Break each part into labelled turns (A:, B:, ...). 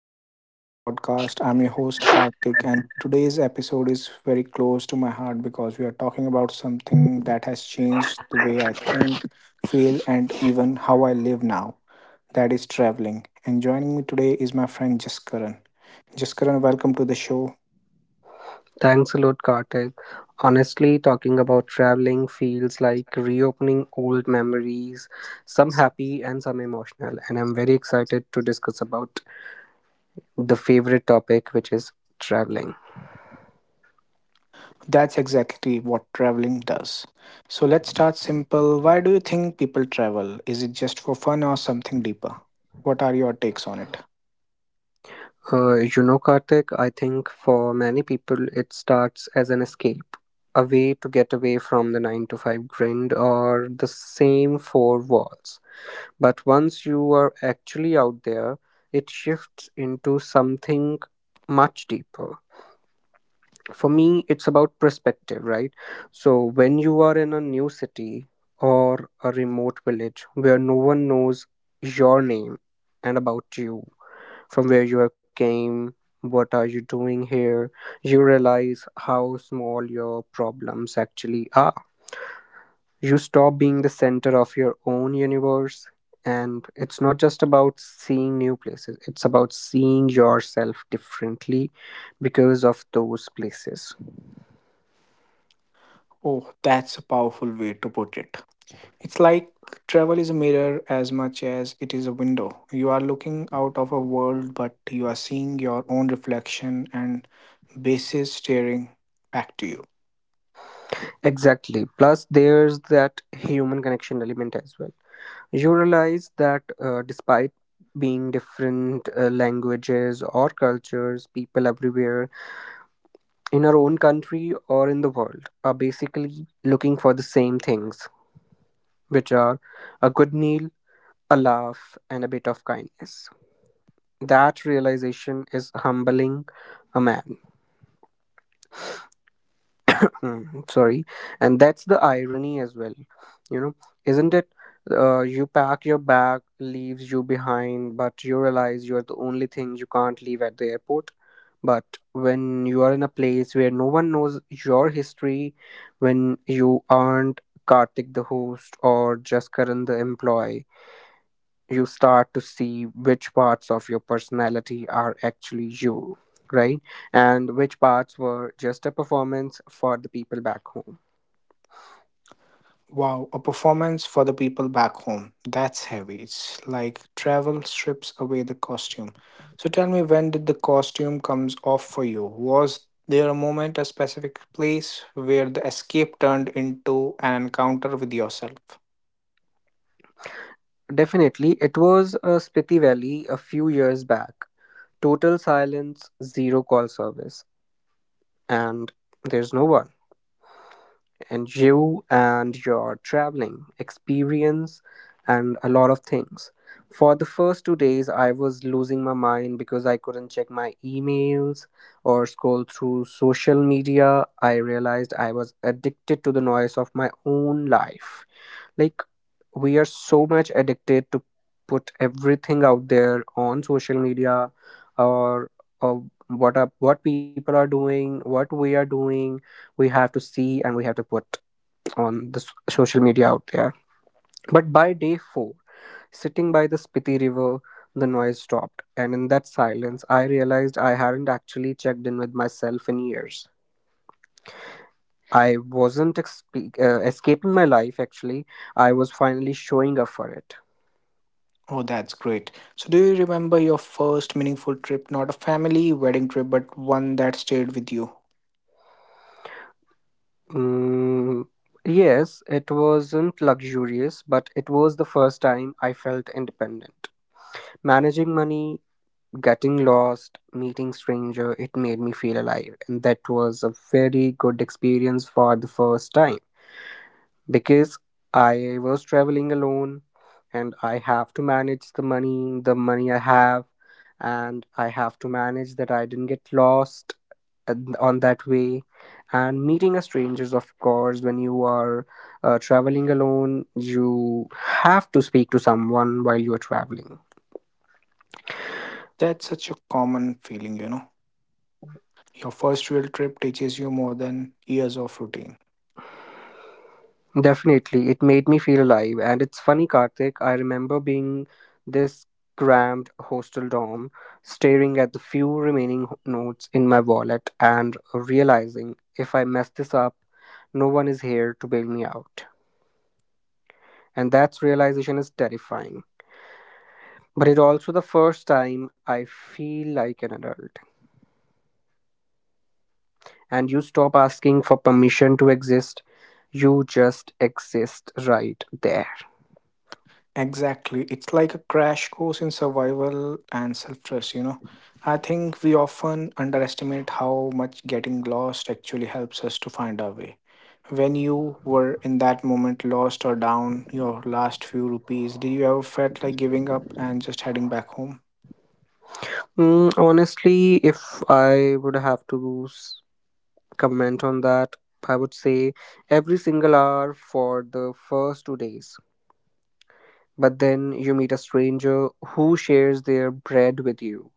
A: Welcome back to the podcast. I'm your host, Karthik, and today's episode is very close to my heart because we are talking about something that has changed the way I think, feel, and even how I live now that is traveling. And joining me today is my friend Jaskaran. Jaskaran, welcome to the show.
B: Thanks a lot, Karthik. Honestly, talking about traveling feels like reopening old memories, some happy and some emotional, and I'm very excited to discuss about the favorite topic, which is traveling.
A: That's exactly what traveling does. So let's start simple. Why do you think people travel? Is it just for fun or something deeper? What are your takes on it?
B: Karthik, I think for many people it starts as an escape, a way to get away from the 9 to 5 grind or the same four walls. But once you are actually out there, it shifts into something much deeper for me. It's about perspective, right? So when you are in a new city or a remote village where no one knows your name and about you, from where you have came, what are you doing here, you realize how small your problems actually are. You stop being the center of your own universe, and it's not just about seeing new places, it's about seeing yourself differently because of those places.
A: Oh, that's a powerful way to put it. It's like travel is a mirror as much as it is a window. You are looking out of a world, but you are seeing your own reflection and bases staring back to you.
B: Exactly. Plus, there's that human connection element as well. You realize that despite being different languages or cultures, people everywhere in our own country or in the world are basically looking for the same things, which are a good meal, a laugh, and a bit of kindness. That realization is humbling a man. Sorry, and that's the irony as well, you know isn't it? You pack your bag, leaves you behind, but you realize you're the only thing you can't leave at the airport. But when you are in a place where no one knows your history, when you aren't Kartik the host or just Karan the employee, you start to see which parts of your personality are actually you, right, and which parts were just a performance for the people back home.
A: Wow, a performance for the people back home. That's heavy. It's like travel strips away the costume. So tell me, when did the costume comes off for you? Was there a moment, a specific place where the escape turned into an encounter with yourself?
B: Definitely, it was a Spiti Valley a few years back. Total silence, zero call service, and there's no one. And you and your traveling experience and a lot of things. For the first 2 days, I was losing my mind because I couldn't check my emails or scroll through social media. I realized I was addicted to the noise of my own life. Like, we are so much addicted to put everything out there on social media, or, or what up, what people are doing, what we are doing, we have to see and we have to put on the social media out there. But by day 4, sitting by the Spiti river, the noise stopped, and in that silence I realized I hadn't actually checked in with myself in years. I wasn't escaping my life actually, I was finally showing up for it.
A: Oh, that's great. So do you remember your first meaningful trip, not a family wedding trip, but one that stayed with you?
B: Mm, yes, it wasn't luxurious, but it was the first time I felt independent. Managing money, getting lost, meeting stranger, it made me feel alive, and that was a very good experience for the first time because I was traveling alone, and I have to manage the money I have, and I have to manage that I didn't get lost on that way. And meeting a strangers, of course, when you are traveling alone, you have to speak to someone while you are traveling.
A: That's such a common feeling, Your first real trip teaches you more than years of routine.
B: Definitely, it made me feel alive. And it's funny, Karthik, I remember being this cramped hostel dorm, staring at the few remaining notes in my wallet and realizing if I mess this up, no one is here to bail me out. And that realization is terrifying. But it also the first time I feel like an adult. And you stop asking for permission to exist, you just exist right there.
A: Exactly. It's like a crash course in survival and self trust, I think we often underestimate how much getting lost actually helps us to find our way. When you were in that moment lost or down your last few rupees, did you ever felt like giving up and just heading back home?
B: Honestly, if I would have to comment on that, I would say every single hour for the first 2 days. But then you meet a stranger who shares their bread with you,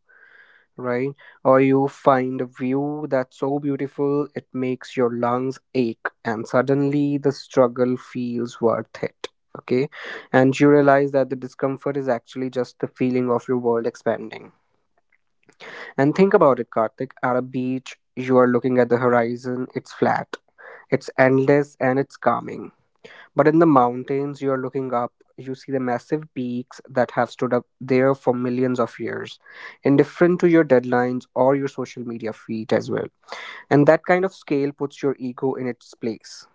B: right? Or you find a view that's so beautiful it makes your lungs ache, and suddenly the struggle feels worth it. Okay, and you realize that the discomfort is actually just the feeling of your world expanding. And think about it, Karthik. At a beach, you are looking at the horizon, it's flat, it's endless, and it's calming. But in the mountains, you are looking up, you see the massive peaks that have stood up there for millions of years, indifferent to your deadlines or your social media feed as well. And that kind of scale puts your ego in its place.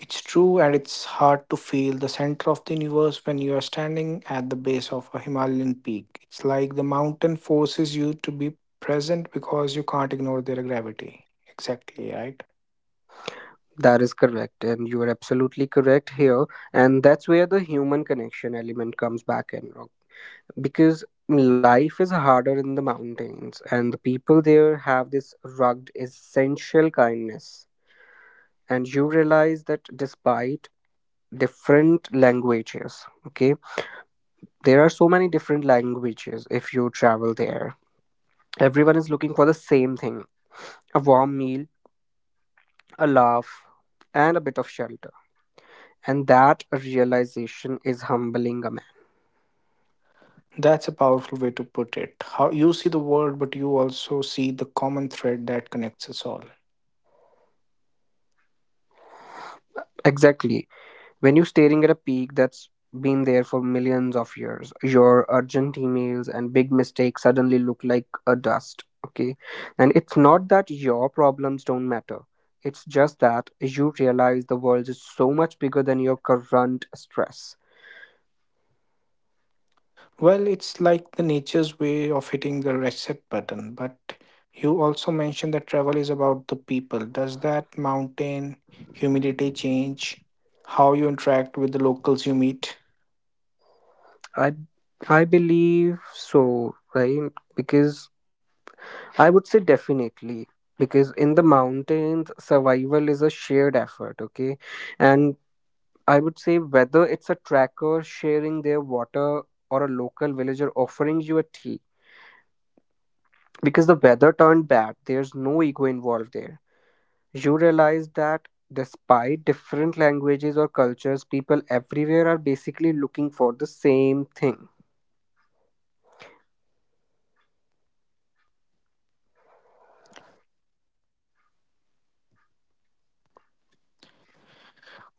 A: It's true, and it's hard to feel the center of the universe when you are standing at the base of a Himalayan peak. It's like the mountain forces you to be present because you can't ignore their gravity. Exactly, right?
B: That is correct, and you are absolutely correct here. And that's where the human connection element comes back in, because life is harder in the mountains and the people there have this rugged essential kindness. And you realize that despite different languages, okay, there are so many different languages if you travel there, everyone is looking for the same thing: a warm meal, a laugh, and a bit of shelter. And that realization is humbling a man.
A: That's a powerful way to put it. How you see the world, but you also see the common thread that connects us all.
B: Exactly. When you're staring at a peak that's been there for millions of years, your urgent emails and big mistakes suddenly look like a dust. Okay. And it's not that your problems don't matter. It's just that you realize the world is so much bigger than your current stress.
A: Well, it's like the nature's way of hitting the reset button. But you also mentioned that travel is about the people. Does that mountain humidity change how you interact with the locals you meet?
B: I I believe so, right? Because I would say definitely, because in the mountains survival is a shared effort, okay? And I would say whether it's a tracker sharing their water or a local villager offering you a tea. Because the weather turned bad, there's no ego involved there. You realize that despite different languages or cultures, people everywhere are basically looking for the same thing.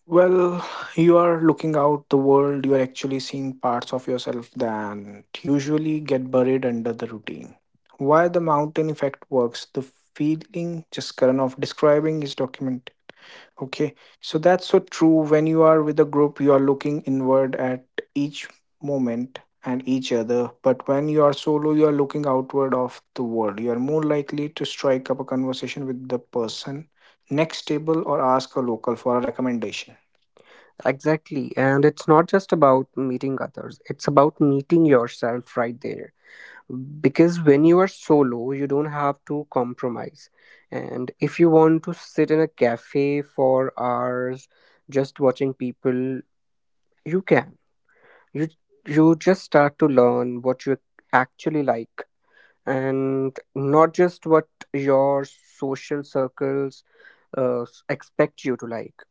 A: Well, you are looking out the world, you are actually seeing parts of yourself that usually get buried under the routine. Why the mountain effect works, the feeling just current of describing is document. Okay, so that's so true. When you are with a group, you are looking inward at each moment and each other. But when you are solo, you are looking outward of the world. You are more likely to strike up a conversation with the person next table or ask a local for a recommendation.
B: Exactly. And it's not just about meeting others, it's about meeting yourself right there. Because when you are solo you don't have to compromise, and if you want to sit in a cafe for hours just watching people, you can. you you just start to learn what you actually like, and not just what your social circles expect you to like.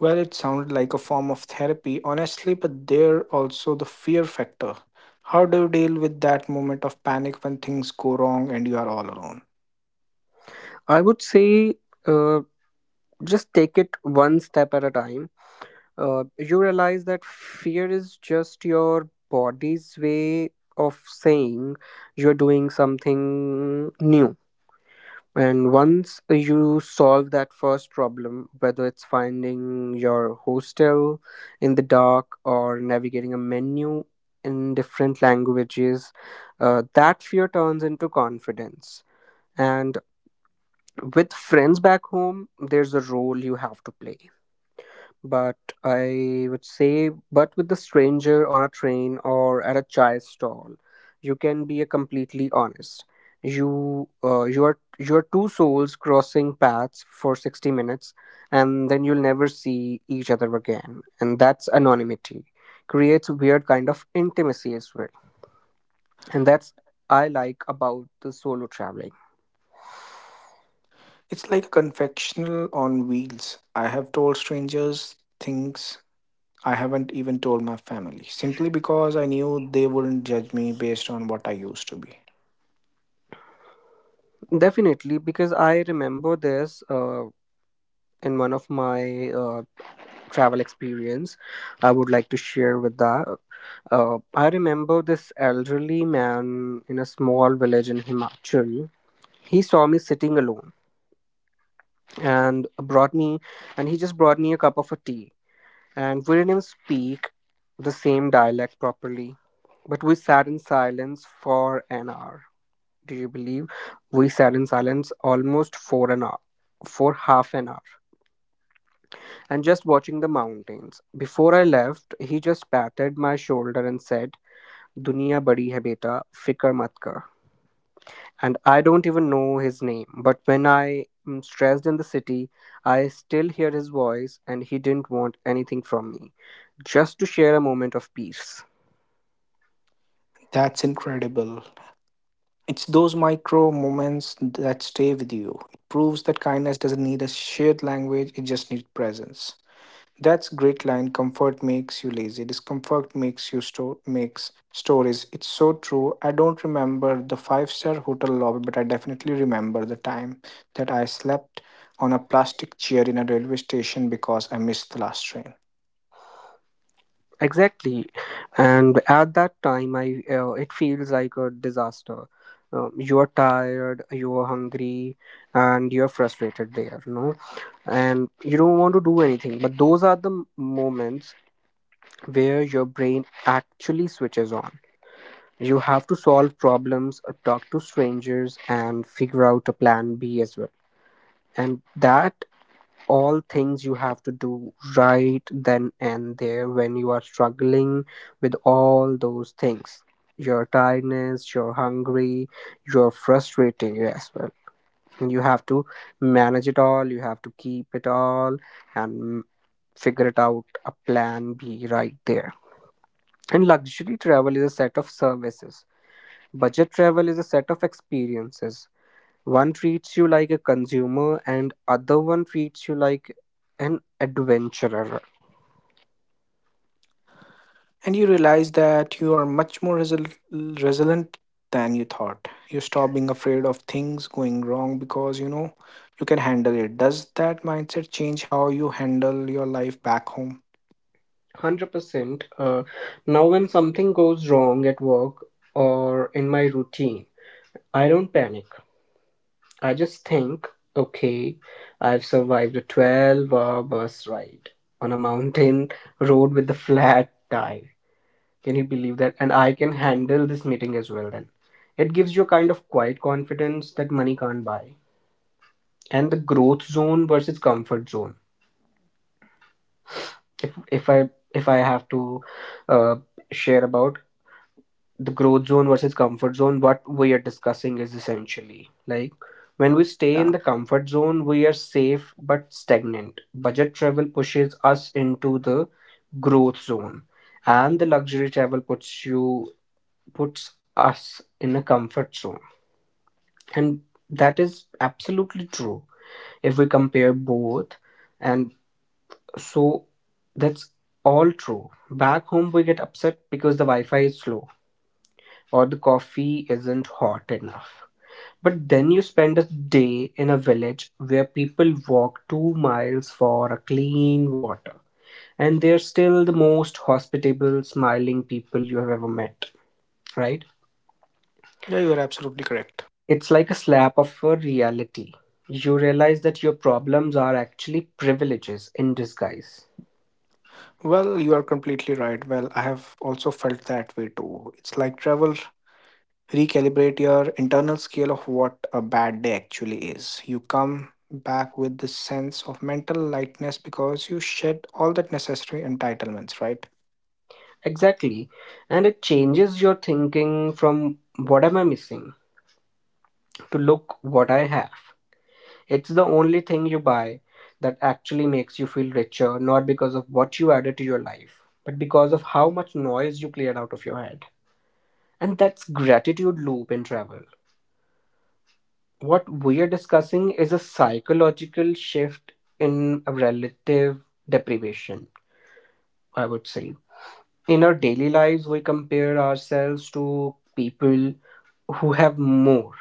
A: Well, it sounded like a form of therapy, honestly, but there also the fear factor. How do you deal with that moment of panic when things go wrong and you are all alone?
B: I would say, uh, just take it one step at a time. You realize that fear is just your body's way of saying you're doing something new. And once you solve that first problem, whether it's finding your hostel in the dark or navigating a menu in different languages, that fear turns into confidence. And with friends back home, there's a role you have to play, but I would say, but with a stranger on a train or at a chai stall, you can be a completely honest. You are two souls crossing paths for 60 minutes, and then you'll never see each other again. And that's anonymity creates a weird kind of intimacy as well. And that's I like about the solo traveling.
A: It's like a confectional on wheels. I have told strangers things I haven't even told my family, simply because I knew they wouldn't judge me based on what I used to be.
B: Definitely, because I remember this in one of my travel experience I would like to share with that. I remember this elderly man in a small village in Himachal. He saw me sitting alone and brought me, and he just brought me a cup of a tea. And we didn't even speak the same dialect properly, but we sat in silence for an hour. Do you believe? We sat in silence almost for an hour, for half an hour, and just watching the mountains. Before I left, he just patted my shoulder and said, Dunya badi hai beta, Fikar mat kar. And I don't even know his name, but when I am stressed in the city, I still hear his voice, and he didn't want anything from me, just to share a moment of peace.
A: That's incredible. It's those micro moments that stay with you. It proves that kindness doesn't need a shared language, it just needs presence. That's great line. Comfort makes you lazy. Discomfort makes you store makes stories. It's so true. I don't remember the five-star hotel lobby, but I definitely remember the time that I slept on a plastic chair in a railway station because I missed the last train.
B: Exactly, and at that time, I it feels like a disaster. You are tired, you are hungry, and you are frustrated there, and you don't want to do anything. But those are the moments where your brain actually switches on. You have to solve problems, talk to strangers, and figure out a plan B as well. And that all things you have to do right then and there. When you are struggling with all those things, your tiredness, you're hungry, you're frustrating as well, you have to manage it all, you have to keep it all and figure it out a plan b right there. And luxury travel is a set of services, budget travel is a set of experiences. One treats you like a consumer and other one treats you like an adventurer.
A: And you realize that you are much more resilient than you thought. You stop being afraid of things going wrong because you know you can handle it. Does that mindset change how you handle your life back home?
B: 100%. Now when something goes wrong at work or in my routine, I don't panic. I just think, okay, I've survived a 12-hour bus ride on a mountain road with a flat tire. Can you believe that? And I can handle this meeting as well then. It gives you a kind of quiet confidence that money can't buy. And the growth zone versus comfort zone. If if i if i have to uh, share about the growth zone versus comfort zone, what we are discussing is essentially like, when we stay in the comfort zone, we are safe but stagnant. Budget travel pushes us into the growth zone, and the luxury travel puts us in a comfort zone. And that is absolutely true if we compare both. And So that's all true. Back home, we get upset because the Wi Fi is slow or the coffee isn't hot enough. But then you spend a day in a village where people walk 2 miles for a clean water, and they're still the most hospitable, smiling people you have ever met, right?
A: Yeah, you are absolutely correct.
B: It's like a slap of a reality. You realize that your problems are actually privileges in disguise.
A: Well, you are completely right. Well, I have also felt that way too. It's like travel, recalibrate your internal scale of what a bad day actually is. You come back with this sense of mental lightness because you shed all that necessary entitlements, right?
B: Exactly. And it changes your thinking from what am I missing to look what I have. It's the only thing you buy that actually makes you feel richer, not because of what you added to your life, but because of how much noise you cleared out of your head. And that's gratitude loop in travel. What we are discussing is a psychological shift in relative deprivation, I would say. In our daily lives, we compare ourselves to people who have more.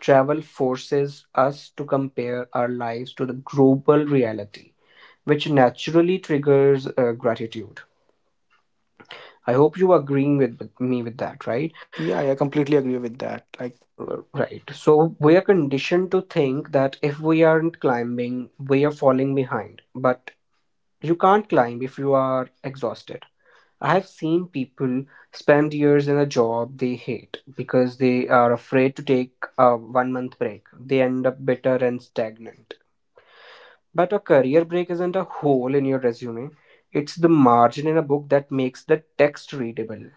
B: Travel forces us to compare our lives to the global reality, which naturally triggers gratitude. I hope you are agreeing with me with that, right?
A: Yeah, I completely agree with that. Like,
B: Right. So we are conditioned to think that if we aren't climbing, we are falling behind. But you can't climb if you are exhausted. I have seen people spend years in a job they hate because they are afraid to take a one month break. They end up bitter and stagnant. But a career break isn't a hole in your resume, it's the margin in a book that makes the text readable.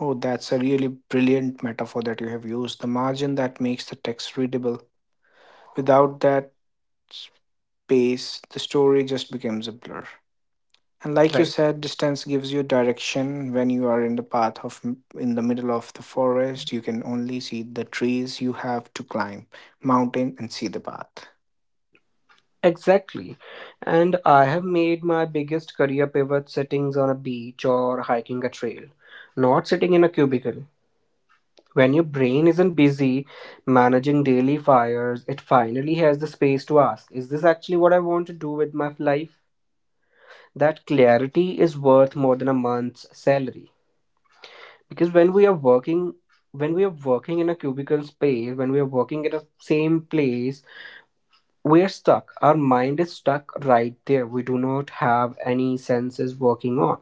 A: oh, that's a really brilliant metaphor that you have used. The margin that makes the text readable. Without that pace, the story just becomes a blur. And like you
B: Right.
A: said, distance gives you direction. When you are in the path of In the middle of the forest, you can only see the trees you have to climb, mountain, and see the path.
B: Exactly. And I have made my biggest career pivot settings on a beach or hiking a trail, not sitting in a cubicle. When your brain isn't busy managing daily fires, it finally has the space to ask, is this actually what I want to do with my life? That clarity is worth more than a month's salary. Because when we are working in a cubicle space, when we are working at the same place, we are stuck, our mind is stuck right there, we do not have any senses working on.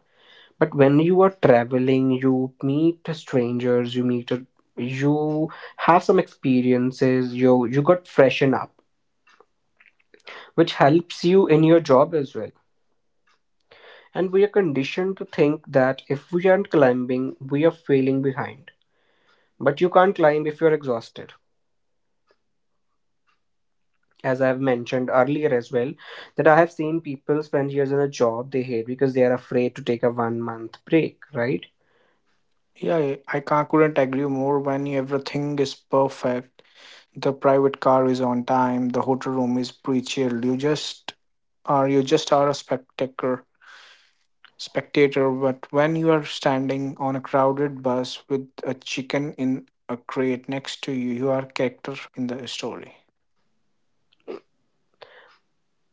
B: But when you are traveling, you meet strangers, you have some experiences, you got freshen up, which helps you in your job as well. And we are conditioned to think that if we aren't climbing, we are failing behind, but you can't climb if you're exhausted, as I've mentioned earlier as well, that I have seen people spend years in a job they hate because they are afraid to take a one month break, right?
A: Yeah, I can't, Couldn't agree more. When everything is perfect, the private car is on time, the hotel room is pre-chilled. You just are a spectator. But when you are standing on a crowded bus with a chicken in a crate next to you, you are character in the story.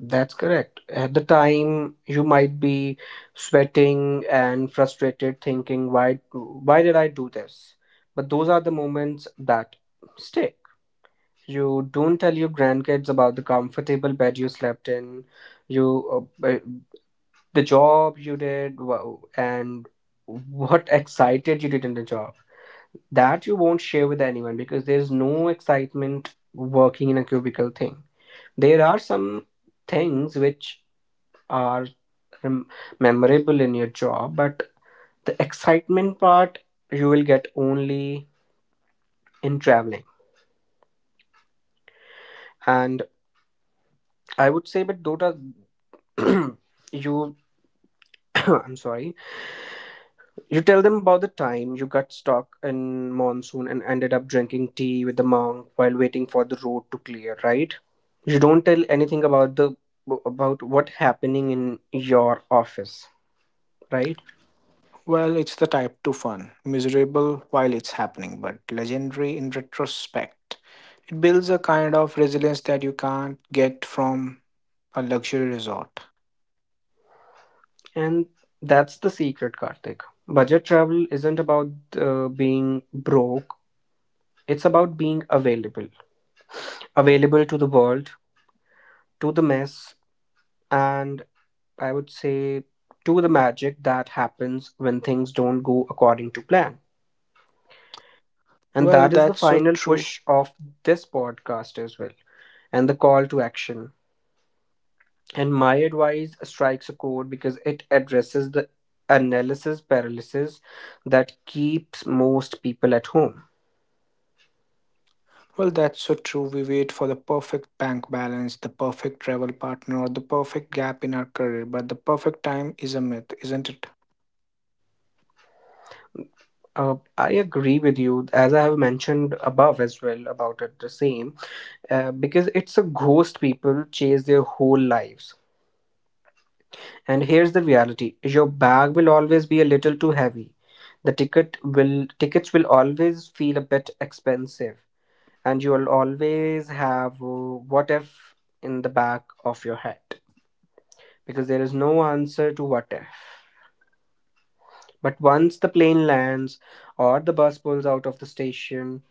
B: That's correct. At the time, you might be sweating and frustrated, thinking, why did I do this? But those are the moments that stick. You don't tell your grandkids about the comfortable bed you slept in, you the job you did, wow, and what excited you did in the job that you won't share with anyone because there's no excitement working in a cubicle thing, there are some things which are rem- memorable in your job, but the excitement part you will get only in traveling. And I would say but dota you I'm sorry. You tell them about the time you got stuck in monsoon and ended up drinking tea with the monk while waiting for the road to clear, right? You don't tell anything about the about what happening in your office, right?
A: Well, it's the type 2 fun, miserable while it's happening, but legendary in retrospect. It builds a kind of resilience that you can't get from a luxury resort.
B: And that's the secret, Karthik. Budget travel isn't about being broke. It's about being available, available to the world, to the mess, and I would say to the magic that happens when things don't go according to plan. And
A: Well,
B: that is the
A: that's so
B: final
A: true.
B: push of this podcast as well, and the call to action. And my advice strikes a chord because it addresses the analysis paralysis that keeps most people at home.
A: Well, that's so true. We wait for the perfect bank balance, the perfect travel partner, or the perfect gap in our career, but the perfect time is a myth, isn't it?
B: I agree with you, as I have mentioned above as well about it, the same, because it's a ghost people chase their whole lives. And here's the reality: your bag will always be a little too heavy. The ticket will tickets will always feel a bit expensive, and you'll always have what if in the back of your head, because there is no answer to what if. But once the plane lands or the bus pulls out of the station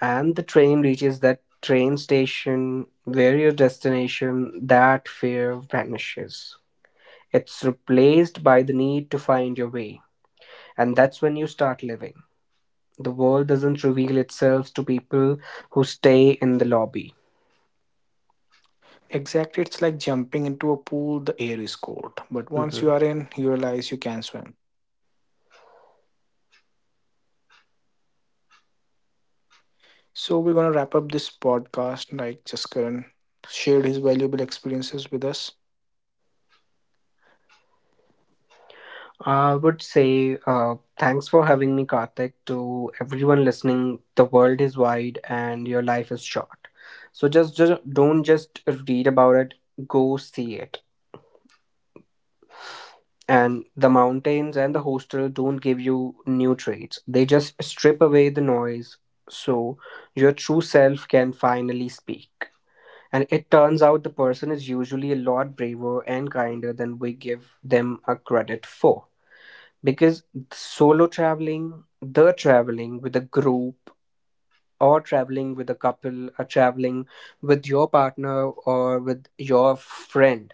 B: and the train reaches that train station where your destination, that fear vanishes. It's replaced by the need to find your way. And that's when you start living. The world doesn't reveal itself to people who stay in the lobby.
A: Exactly, it's like jumping into a pool, the air is cold, but once you
B: Hmm.
A: are in, you realize you can swim. So we're gonna wrap up this podcast. Like Jaskaran shared his valuable experiences with us.
B: I would say thanks for having me, Karthik. To everyone listening, the world is wide and your life is short. So just don't just read about it, go see it. And the mountains and the hostel don't give you new traits, they just strip away the noise so your true self can finally speak. And it turns out the person is usually a lot braver and kinder than we give them a credit for. Because solo traveling, the traveling with a group, or traveling with a couple, or traveling with your partner or with your friend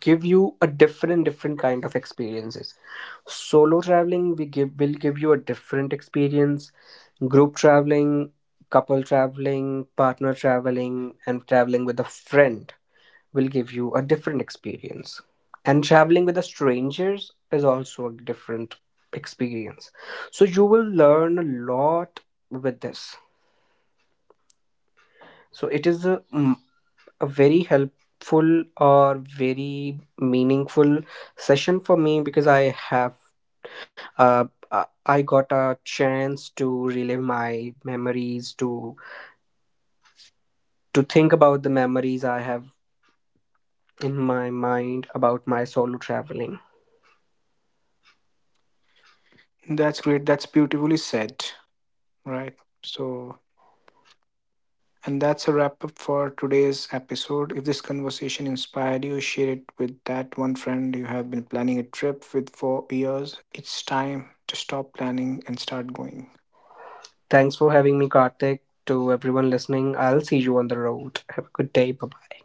B: give you a different kind of experiences. Solo traveling, we give will give you a different experience. Group traveling, couple traveling, partner traveling, and traveling with a friend will give you a different experience. And traveling with the strangers is also a different experience. So you will learn a lot with this. So it is a very helpful or very meaningful session for me because uh, I got a chance to relive my memories to think about the memories I have in my mind about my solo traveling.
A: That's great. That's beautifully said. Right. So and that's a wrap up for today's episode. If this conversation inspired you, share it with that one friend you have been planning a trip with for years. It's time to stop planning and start going.
B: Thanks for having me, Karthik. To everyone listening, I'll see you on the road. Have a good day. Bye bye.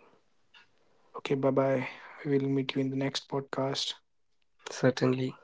A: Okay, bye bye. We will meet you in the next podcast.
B: Certainly.